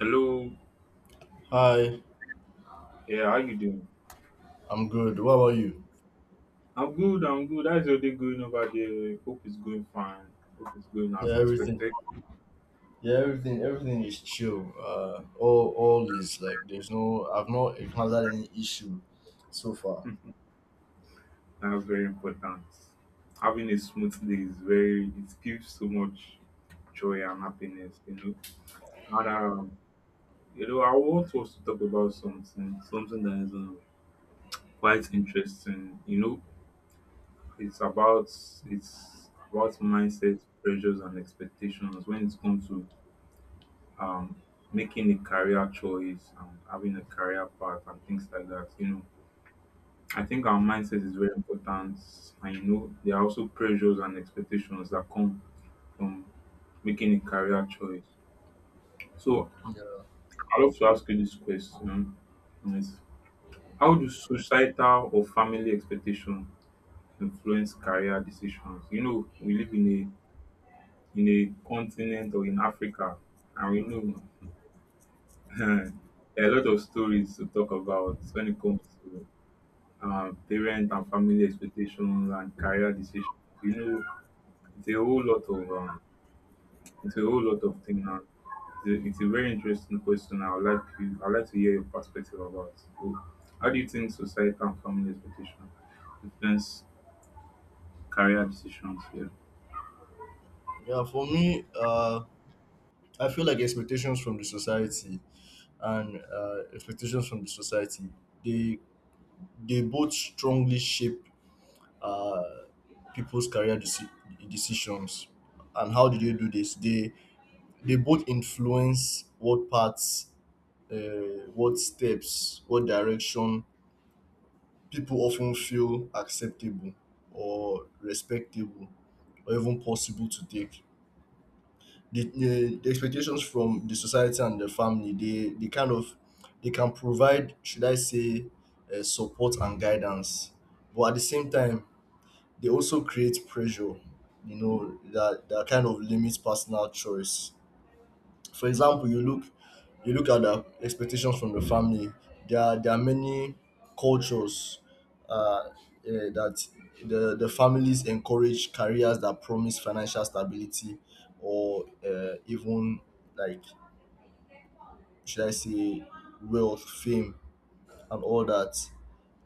Hello. Hi, Yeah, how you doing? I'm good. What about you? I'm good. How's your day going over there? Hope it's going fine. Hope it's going as Yeah, everything. expected. Yeah, everything. Everything is chill. All is like there's no. I've not encountered any issue so far. That's very important. Having a smooth day is very it gives so much joy and happiness, you know. And um, I want us to talk about something that is quite interesting. You know, it's about it's about mindset, pressures and expectations when it comes to um, making a career choice and having a career path and things like that. You know, I think our mindset is very important, and you know, there are also pressures and expectations that come from making a career choice. So, Yeah, I love to ask you this question: is how do societal or family expectations influence career decisions? You know, we live in a continent or in Africa, and we know Um, there are a lot of stories to talk about when it comes to parent and family expectations and career decisions. You know, it's a whole lot of um, it's a whole lot of things. And it's a very interesting question. I'd like to hear your perspective about. So, how do you think society and family expectations influence career decisions? Yeah, yeah. For me, I feel like expectations from the society and expectations from the society they both strongly shape uh people's decisions. And how do they do this? They both influence what parts, what steps, what direction people often feel acceptable or respectable or even possible to take. The expectations from the society and the family, they kind of, they can provide, should I say, support and guidance. But at the same time, they also create pressure, you know, that, that kind of limits personal choice. For example, you look at the expectations from the family. There are many cultures uh, that the families encourage careers that promise financial stability or even, like, should I say, wealth, fame, and all that,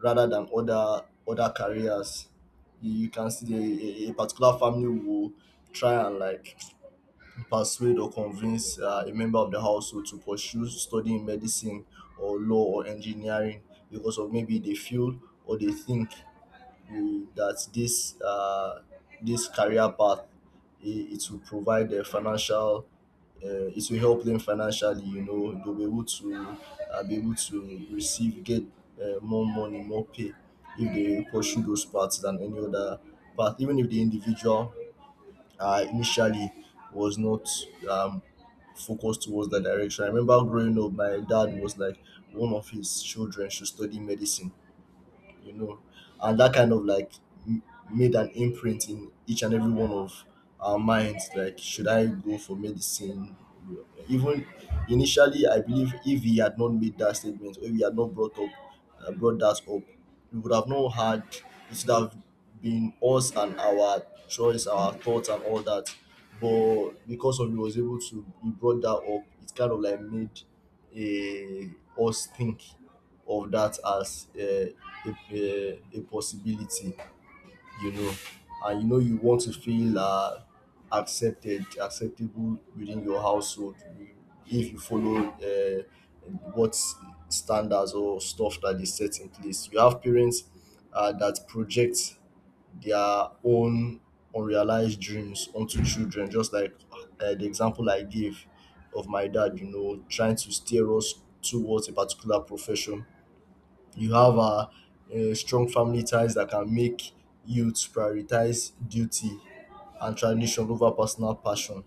rather than other careers. You can see, a particular family will try and, like, persuade or convince a member of the household to pursue studying medicine or law or engineering because of, maybe, they feel or they think, that this, this career path, it will provide a financial, it will help them financially. You know, they'll be able to, be able to receive get more money, more pay if they pursue those paths than any other path, even if the individual, initially, was not, um, focused towards that direction. I remember growing up, my dad was like, one of his children should study medicine, you know, and that kind of, like, m- made an imprint in each and every one of our minds. Like, should I go for medicine? Even initially, I believe if he had not made that statement, or if he had not brought up, brought that up, we would have not had. It should have been us and our choice, our thoughts, and all that. But because of, he was able to, he brought that up. It kind of, like, made a us think of that as, a, a possibility, you know. And you know, you want to feel, accepted acceptable within your household, if you follow, what standards or stuff that they set in place. You have parents that project their own unrealized dreams onto children, just like, the example I gave of my dad, you know, trying to steer us towards a particular profession. You have strong family ties that can make youth prioritize duty and tradition over personal passion.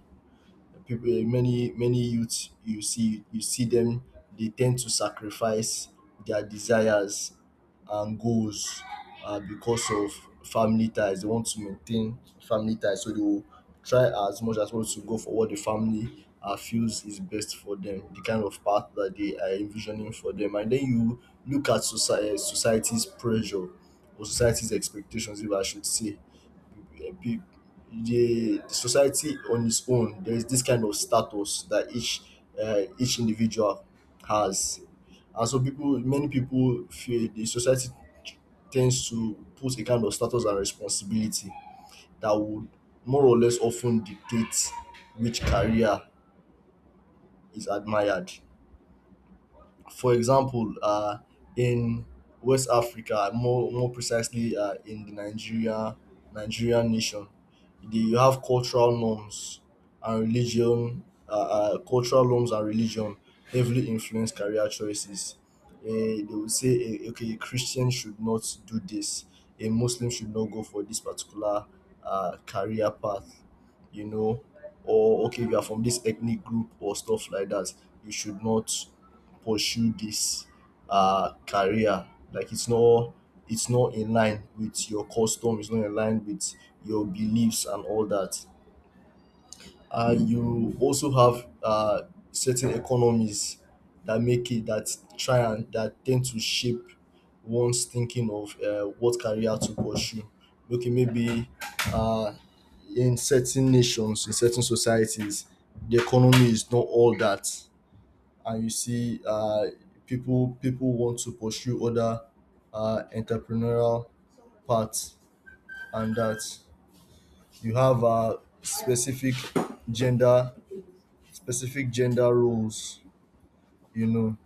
People many many youths, you see, you see them they tend to sacrifice their desires and goals, because of family ties. They want to maintain family ties, so they will try as much as possible to go for what the family, feels is best for them, the kind of path that they are envisioning for them. And then you look at society, society's pressure or society's expectations, if I should say. peop- the society on its own, there is this kind of status that each, each individual has. And so, people many people feel the society tends to put a kind of status and responsibility that would more or less often dictate which career is admired. For example, in West Africa, more precisely, in the Nigerian nation, you have cultural norms and religion. Cultural norms and religion heavily influence career choices. They will say, okay, a Christian should not do this. A Muslim should not go for this particular, career path. You know, or, okay, if you are from this ethnic group or stuff like that, you should not pursue this, career. Like, it's not in line with your custom, it's not in line with your beliefs and all that. You also have, certain economies that make it that try and that tend to shape one's thinking of, what career to pursue. Okay, maybe, uh, in certain nations, in certain societies, the economy is not all that, and you see, people want to pursue other, entrepreneurial paths. And that You have, gender specific gender roles, you know.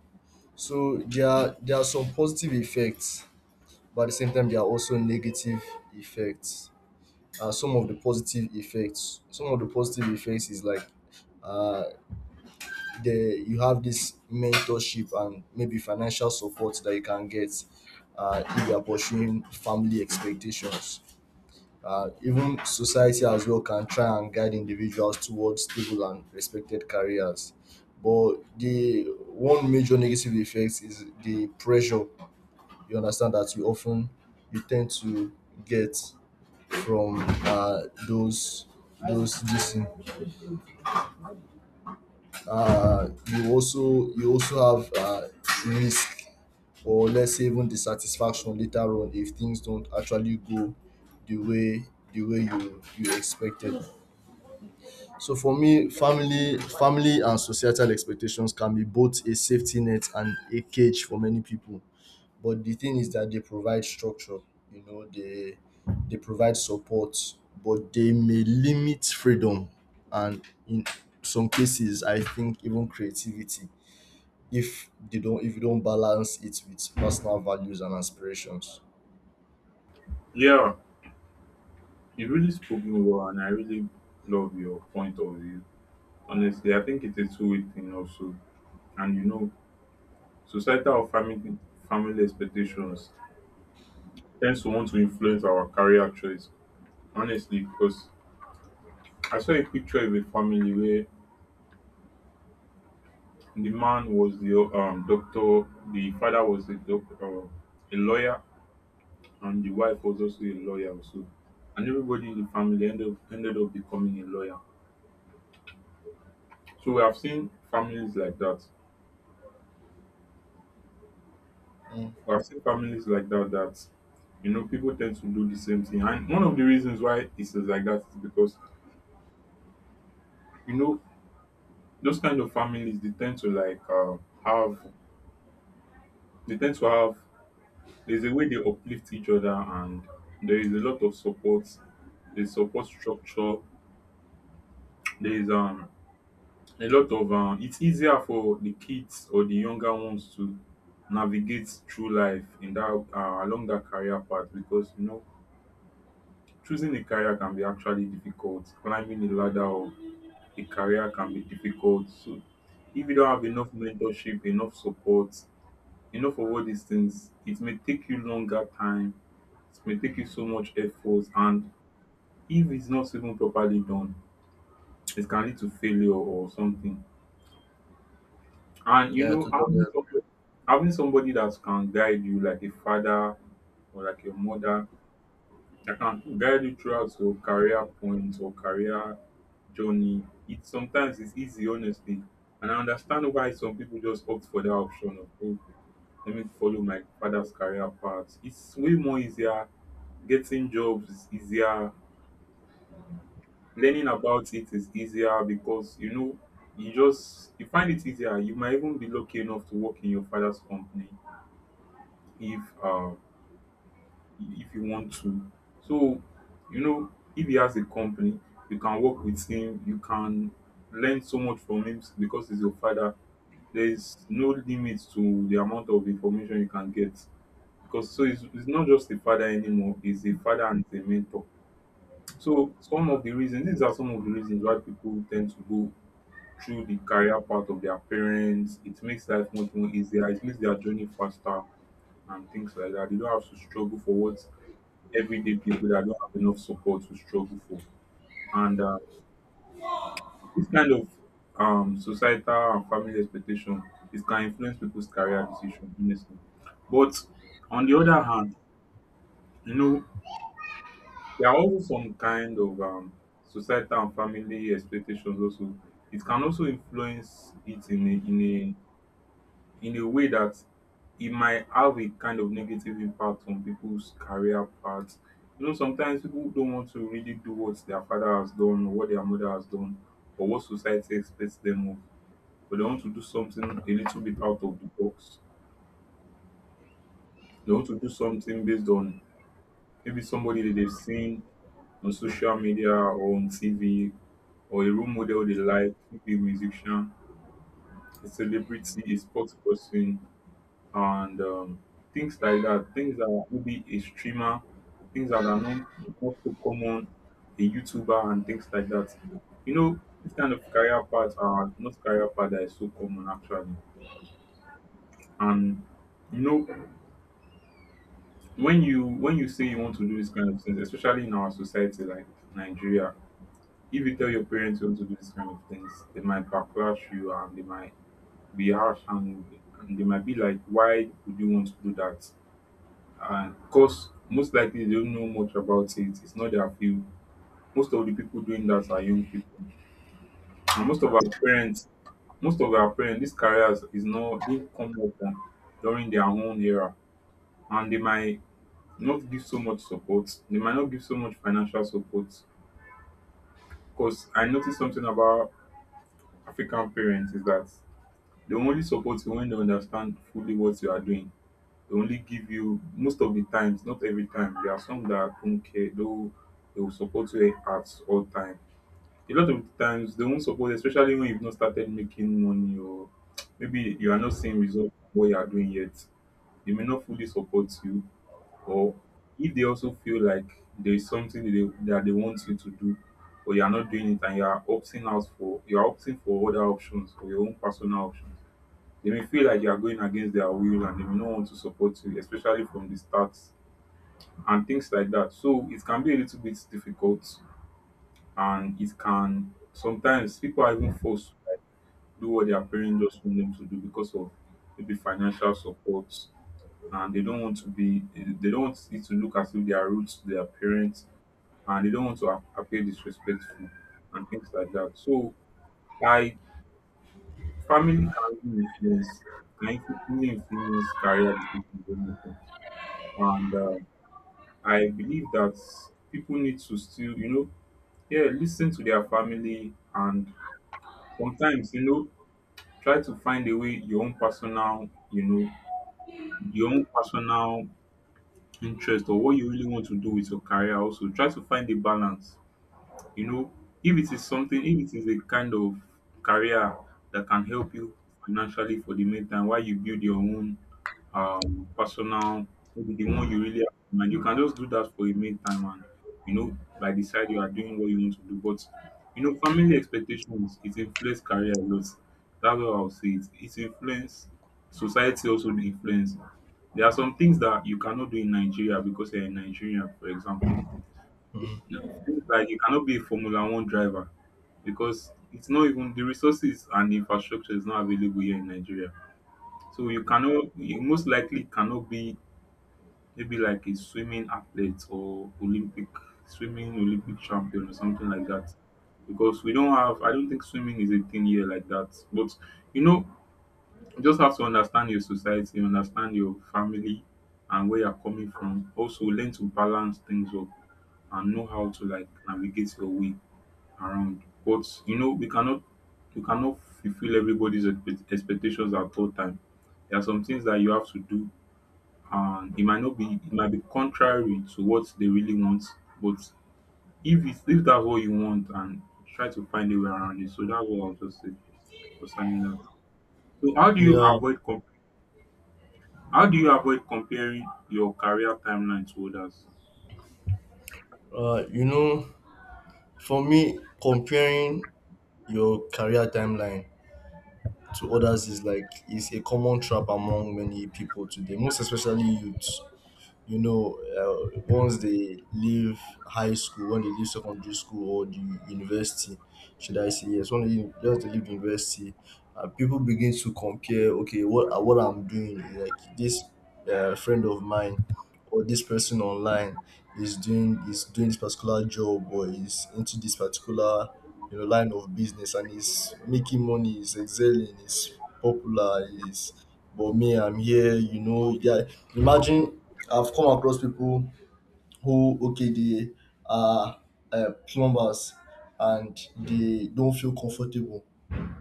So there are some positive effects, but at the same time there are also negative effects. Some of the positive effects, is like, uh, the you have this mentorship and maybe financial support that you can get, if you are pursuing family expectations. Even society as well can try and guide individuals towards stable and respected careers. But the one major negative effect is the pressure, you understand, that you often, you tend to get from, those, this thing. You also, have, risk, or let's say even dissatisfaction later on, if things don't actually go the way, you, you expected. So for me, family and societal expectations can be both a safety net and a cage for many people. But the thing is that they provide structure, you know, they provide support, but they may limit freedom, and, in some cases, I think, even creativity, if they don't, if you don't balance it with personal values and aspirations. yeah, you really spoken well, and I really love your point of view. Honestly, I think it's a two-way thing also, and you know societal or family expectations tends to want to influence our career choice. Honestly, because I saw a picture of a family where the man was the doctor, the father was a doctor, a lawyer, and the wife was also a lawyer also. And everybody in the family ended up becoming a lawyer. So we have seen families like that. Mm, We have seen families like that that you know people tend to do the same thing. And one of the reasons why it is like that is because you know those kind of families they tend to like have they tend to have, there's a way they uplift each other and there is a lot of support. There's support structure. There is a lot of it's easier for the kids or the younger ones to navigate through life in that along that career path because you know choosing a career can be actually difficult. Climbing the ladder of a career can be difficult. So if you don't have enough mentorship, enough support, you know, for all these things, it may take you longer time, it may take you so much effort, and if it's not even properly done, it can lead to failure or something. And you yeah, know, totally. Having somebody that can guide you, like a father or like your mother, that can guide you throughout your career points or career journey, it sometimes is easy, honestly. And I understand why some people just opt for that option of, oh, let me follow my father's career path. It's way more easier. Getting jobs is easier. Learning about it is easier because you know you find it easier. You might even be lucky enough to work in your father's company if uh if you want to. So you know if he has a company, you can work with him. You can learn so much from him because he's your father. There is no limit to the amount of information you can get because so it's not just a father anymore. He's a father and a mentor. So some of the reasons these are some of the reasons why people tend to go through the career path of their parents. It makes life much more easier. It makes their journey faster and things like that. They don't have to struggle for what everyday people that don't have enough support to struggle for. And this kind of societal and family expectation it can influence people's career decision, honestly. But on the other hand, you know, there are also some kind of societal and family expectations also. It can also influence it in a, in a in a way that it might have a kind of negative impact on people's career paths. You know, sometimes people don't want to really do what their father has done or what their mother has done or what society expects them of, but they want to do something a little bit out of the box. They want to do something based on maybe somebody that they've seen on social media or on TV, or a role model they like, could be a musician, a celebrity, a sports person, and things like that. Things that are maybe a streamer, things that are not, not so common, a YouTuber, and things like that. You know, this kind of career paths are not career path that is so common actually. And you know, when you say you want to do this kind of things, especially in our society like Nigeria, if you tell your parents you want to do this kind of things, they might backlash you and they might be harsh and they might be like, why would you want to do that? And because most likely they don't know much about it. It's not their field. Most of the people doing that are young people. And most of our parents, these careers is not didn't come up on during their own era. And they might not give so much support. They might not give so much financial support. Because I noticed something about African parents is that they will only support you when they understand fully what you are doing. They only give you most of the times, not every time. There are some that don't care, though they will support you at all time. A lot of the times they won't support, you, especially when you've not started making money or maybe you are not seeing results of what you are doing yet. They may not fully support you, or if they also feel like there is something that that they want you to do, but you are not doing it and you are opting out for you are opting for other options or your own personal options, they may feel like you are going against their will and they may not want to support you, especially from the start and things like that. So it can be a little bit difficult and it can sometimes people are even forced to do what their parents just want them to do because of maybe financial support and they don't want it to look as if they are rude to their parents and they don't want to appear disrespectful and things like that. So I family can really influence can even influence career decisions. And I believe that people need to still, you know, yeah, listen to their family and sometimes, you know, try to find a way your own personal, you know, your own personal interest or what you really want to do with your career. Also, try to find a balance. You know, if it is a kind of career that can help you financially for the meantime while you build your own personal, maybe the one you really have in mind, you can just do that for a meantime and, you know, by the side you are doing what you want to do. But, you know, family expectations, it influence career a lot. That's what I'll say. It influence society also influence. There are some things that you cannot do in Nigeria because you're in Nigeria, for example it seems like you cannot be a Formula One driver because it's not even the resources and infrastructure is not available here in Nigeria. So you cannot, you most likely cannot be maybe like a swimming athlete or Olympic champion or something like that. Because we don't have, I don't think swimming is a thing here like that. But you know, you just have to understand your society, understand your family and where you're coming from. Also learn to balance things up and know how to like navigate your way around. But you know, we cannot fulfill everybody's expectations at all time. There are some things that you have to do, and it might not be it might be contrary to what they really want. But if that's what you want, and try to find a way around it. So that's what I'll just say concerning that. So how do you Yeah, avoid comp- how do you avoid comparing your career timeline to others? You know, for me, comparing your career timeline to others is like, is a common trap among many people today, most especially youths. You know, once they leave high school, when they leave secondary school or the university, should I say? Yes, when they just leave the university, people begin to compare. Okay, what, what I'm doing, like this, friend of mine or this person online is doing, this particular job, or is into this particular, you know, line of business, and is making money, is excelling, is popular, is, but me, I'm here, you know, yeah. Imagine, I've come across people who, okay, they are, plumbers, and they don't feel comfortable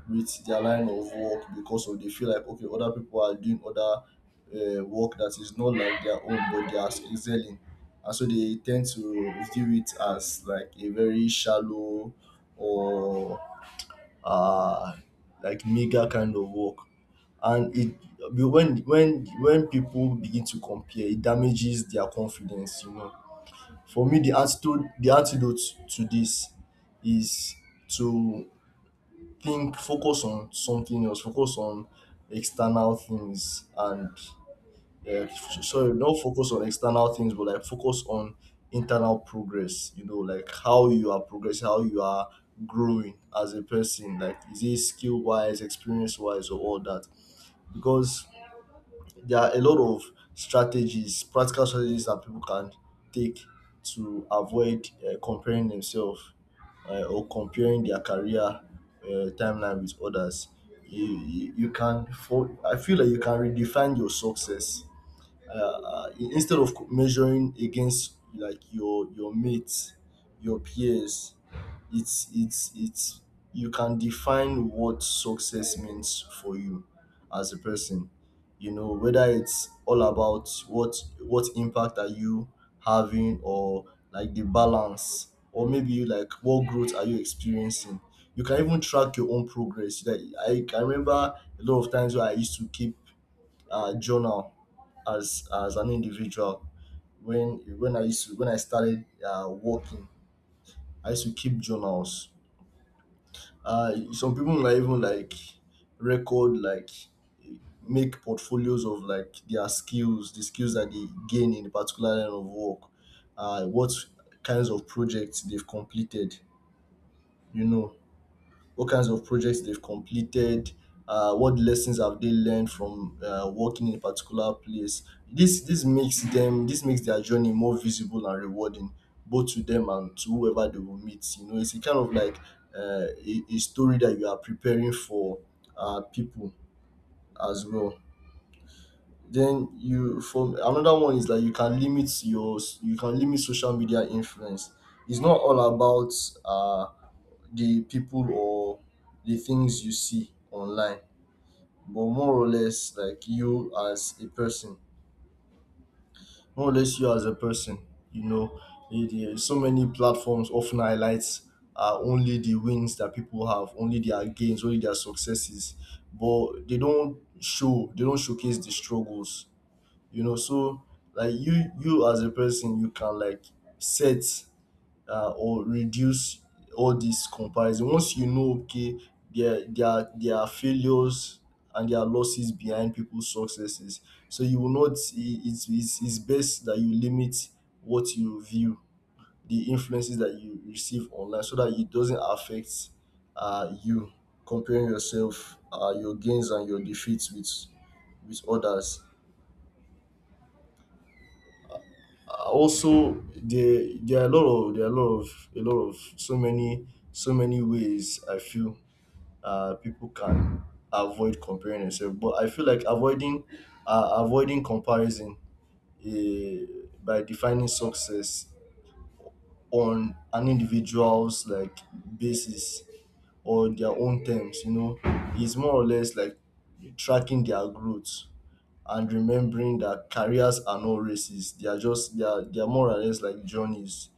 with their line of work, because of, they feel like, okay, other people are doing other, work that is not like their own, but they are excelling. And so they tend to view it as like a very shallow or, uh, like mega kind of work. And it, when people begin to compare, it damages their confidence. You know, for me, the antidote, to this is to think, focus on something else, focus on external things, and, yeah, so no, focus on external things, but like focus on internal progress. You know, like how you are progressing, how you are growing as a person. Like, is it skill wise, experience wise, or all that? Because there are a lot of strategies, practical strategies that people can take to avoid, comparing themselves, or comparing their career, timeline with others. You can, I feel like you can redefine your success, instead of measuring against, like, your mates, your peers. It's, you can define what success means for you as a person, you know, whether it's all about what impact are you having, or like the balance, or maybe like what growth are you experiencing. You can even track your own progress. Like, I can remember a lot of times where I used to keep, journal, as an individual. When I used to, when I started, working, I used to keep journals. Some people might even, like, record, like, make portfolios of, like, their skills, the skills that they gain in a particular line of work, what kinds of projects they've completed, you know. What kinds of projects they've completed, what lessons have they learned from, working in a particular place. This makes them, this makes their journey more visible and rewarding, both to them and to whoever they will meet. You know, it's a kind of like, a story that you are preparing for, people as well. Then you From another one is that you can limit your, you can limit social media influence. It's not all about, uh the people or the things you see online, but more or less like you as a person, more or less you as a person. You know, so many platforms often highlights, only the wins that people have, only their gains, only their successes, but they don't show, they don't showcase the struggles. You know, so like you as a person, you can, like, set, or reduce all this comparison. Once you know, okay, there are failures and there are losses behind people's successes, so you will not. It's best that you limit what you view, the influences that you receive online, so that it doesn't affect you comparing yourself, your gains and your defeats with others. Also there are a lot of there are a lot of so many so many ways I feel people can avoid comparing themselves. But I feel like avoiding avoiding comparison, uh, by defining success on an individual's like basis or their own terms, you know, is more or less like tracking their growth and remembering that careers are not races. They are just they are more or less like journeys.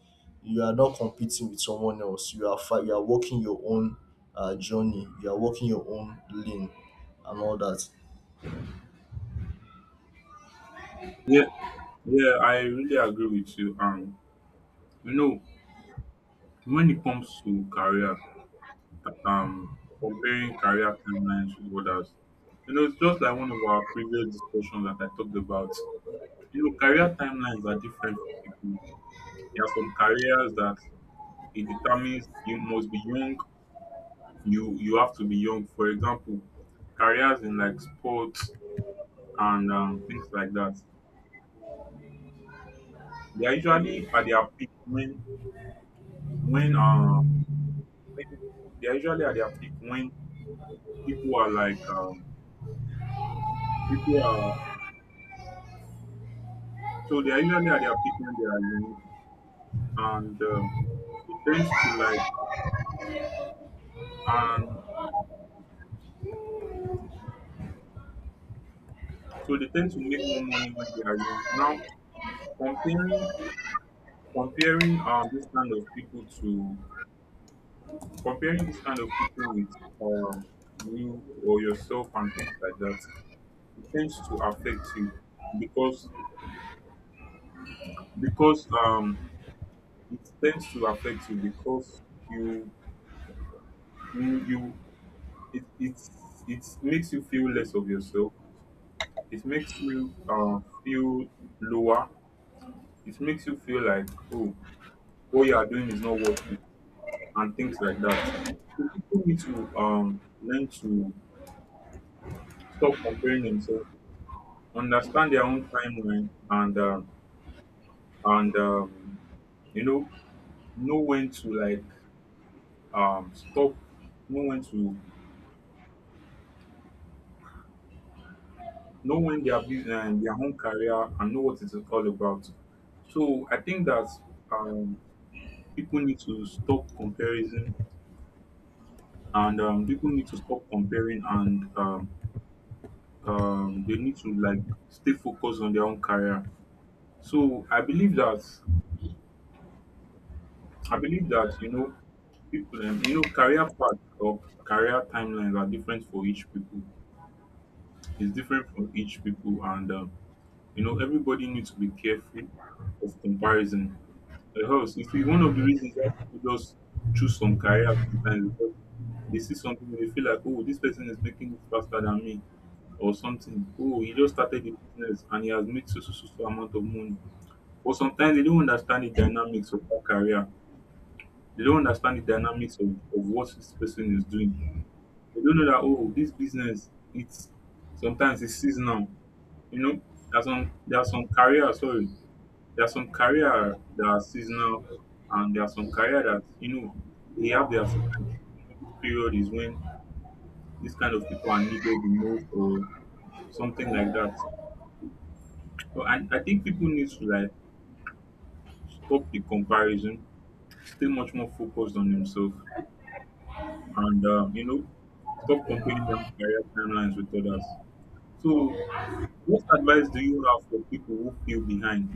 You are not competing with someone else. You are walking your own journey. You are walking your own lane and all that. Yeah, yeah, I really agree with you. You know, when it comes to career, um, comparing career timelines with others. You know, it's just like one of our previous discussions that I talked about. You know, career timelines are different for people. There are some careers that it determines you must be young. You have to be young. For example, careers in like sports and things like that. They are usually at their peak when uh when they are usually at their peak when people are like people are so they are usually at their peak when they are young and it tends to like and so they tend to make more money when they are young. Now comparing comparing um this kind of people to comparing this kind of people with you or yourself and things like that, it tends to affect you because because it tends to affect you because you you, it makes you feel less of yourself. It makes you feel lower. It makes you feel like, oh, what you are doing is not worth it, and things like that. So people need to learn to stop comparing themselves, understand their own timeline, and you know when to stop, know when to know when they are busy and their own career, and know what it is all about. So I think that um, people need to stop comparison, and people need to stop comparing, and they need to like stay focused on their own career. So I believe that you know, people you know, career path or career timelines are different for each people. It's different for each people, and you know, everybody needs to be careful of comparison. Because you see, one of the reasons why people just choose some career sometimes is because they see something and they feel like, oh, this person is making it faster than me or something, oh, he just started the business and he has made so so so so amount of money. But sometimes they don't understand the dynamics of that career. They don't understand the dynamics of what this person is doing. They don't know that, oh, this business, it's sometimes it's seasonal. You know, there are some career, sorry, there are some career that are seasonal, and there are some career that, you know, they have their spikes. You know, this period is when these kind of people are needed the most, or something like that. So I think people need to like stop the comparison, stay much more focused on themselves, and you know, stop comparing their own career timelines with others. So, what advice do you have for people who feel behind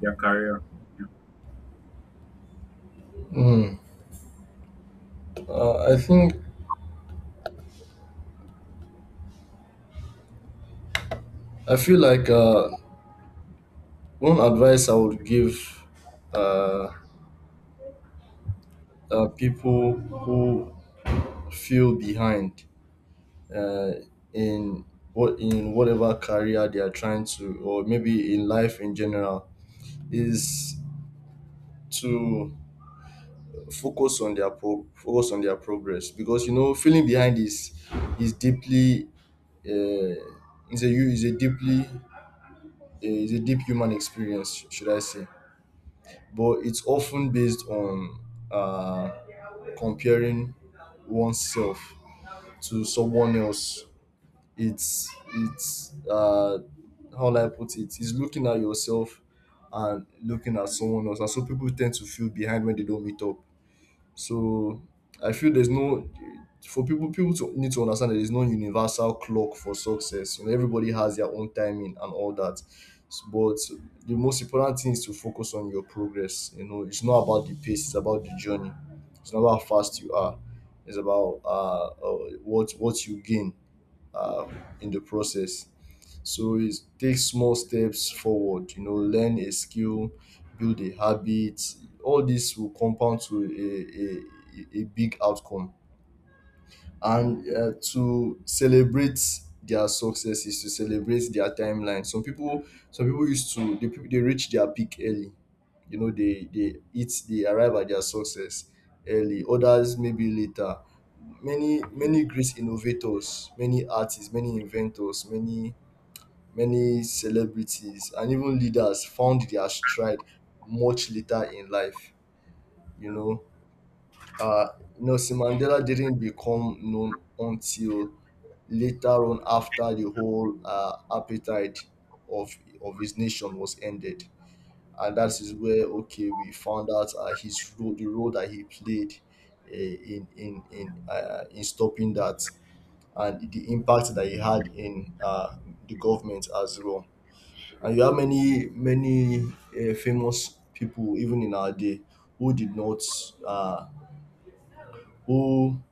their career? Yeah, Mm. I think I feel like one advice I would give uh, people who feel behind, uh, in what in whatever career they are trying to, or maybe in life in general, is to focus on focus on their progress, because you know feeling behind is deeply, uh, is a hu- is a deeply uh, is a deep human experience, should I say, but it's often based on, uh, comparing oneself to someone else. It's How will I put it, is looking at yourself and looking at someone else, and so people tend to feel behind when they don't meet up. So I feel there's no, for people to need to understand that there's no universal clock for success. You know, everybody has their own timing and all that. But the most important thing is to focus on your progress. You know, it's not about the pace; it's about the journey. It's not about how fast you are. It's about what you gain uh in the process. So it's take small steps forward, you know, learn a skill, build a habit. All this will compound to a big outcome. And to celebrate their successes, to celebrate their timeline. Some people used to they, people they reach their peak early. You know, they arrive at their success early. Others maybe later. Many yeah, many great innovators, many artists, many inventors, many. Many celebrities and even leaders found their stride much later in life. You yeah. know, uh, Nelson Mandela didn't become known until later on after the whole appetite of of his nation was ended, and that is where okay we found out, his role the role that he played, in stopping that, and the impact that he had in, the government as well. And you have many, many famous people even in our day who did not, uh, who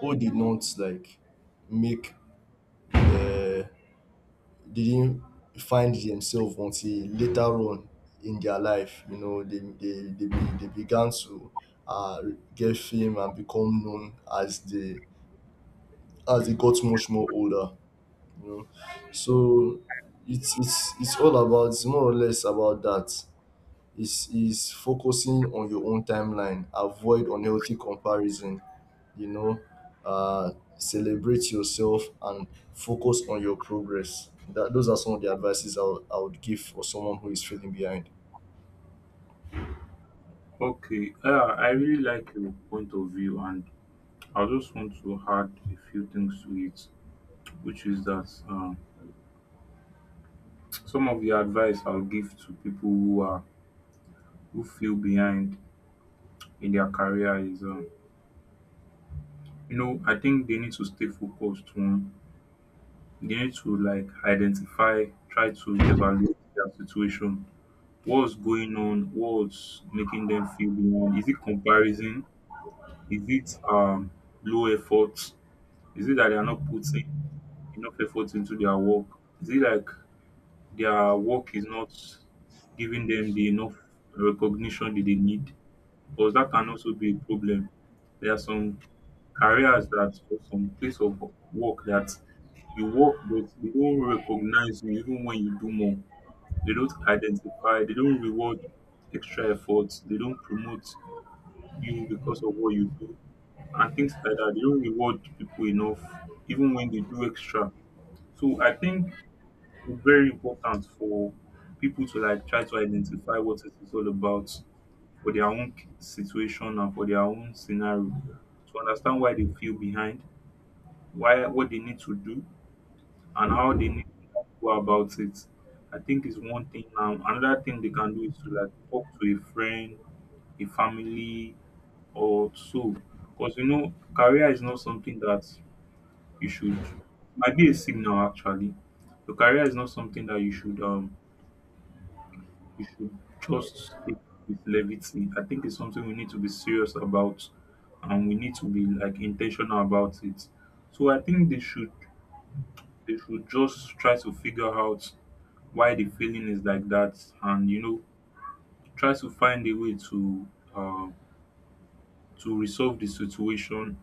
who did not like make, uh, didn't find themselves until later on in their life. You know, they began to, uh, get fame and become known as they got much more older. You know, so it's more or less about that, is focusing on your own timeline. Avoid unhealthy comparison. You know, uh, celebrate yourself and focus on your progress. That those are some of the advices I would give for someone who is feeling behind. Okay, I really like your point of view, and I just want to add a few things to it, which is that some of the advice I'll give to people who are who feel behind in their career is, you know, I think they need to stay focused on. They to like identify, try to evaluate their situation. What's going on? What's making them feel behind? Is it comparison? Is it low effort? Is it that they are not putting enough effort into their work? Is it like their work is not giving them the enough recognition that they need? Because that can also be a problem. There are some careers that, or some place of work, that you work but they don't recognize you even when you do more. They don't identify, they don't reward extra efforts, they don't promote you because of what you do and things like that. They don't reward people enough even when they do extra. So I think it's very important for people to like try to identify what it is all about for their own situation and for their own scenario, to understand why they feel behind, why, what they need to do, and how they need to go about it. I think is one thing. Another thing they can do is to like talk to a friend, a family, or so. Because you know, career is not something that you should, might be a signal actually. Your career is not something that you should just take with levity. I think it's something we need to be serious about, and we need to be like intentional about it. So I think they should just try to figure out why the feeling is like that, and you know, try to find a way uh, to resolve the situation.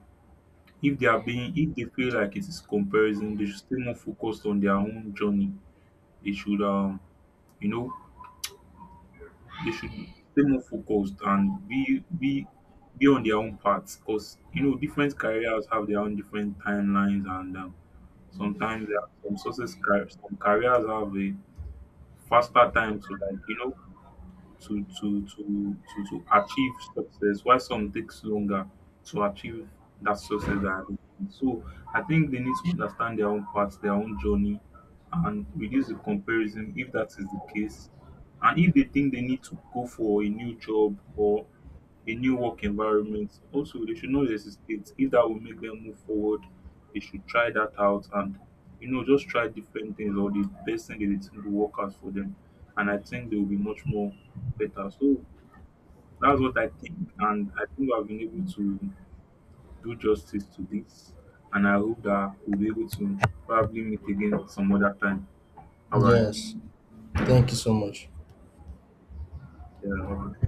If they are being, if they feel like it is comparison, they should stay more focused on their own journey. They should You know, they should stay more focused and be on their own path, because you know, different careers have their own different timelines, and sometimes there are some success car- some careers have a faster time to like, you know, to achieve success, why some takes longer to achieve that success that they need. So I think they need to understand their own path, their own journey, and reduce the comparison if that is the case. And if they think they need to go for a new job or a new work environment. Also, they should not hesitate. If that will make them move forward, they should try that out, and you know, just try different things, or the best thing that they think will work out for them. And I think they will be much more better. So that's what I think, and I think I've been able to do justice to this. And I hope that we'll be able to probably meet again some other time. All right. Yes. Thank you so much. Yeah.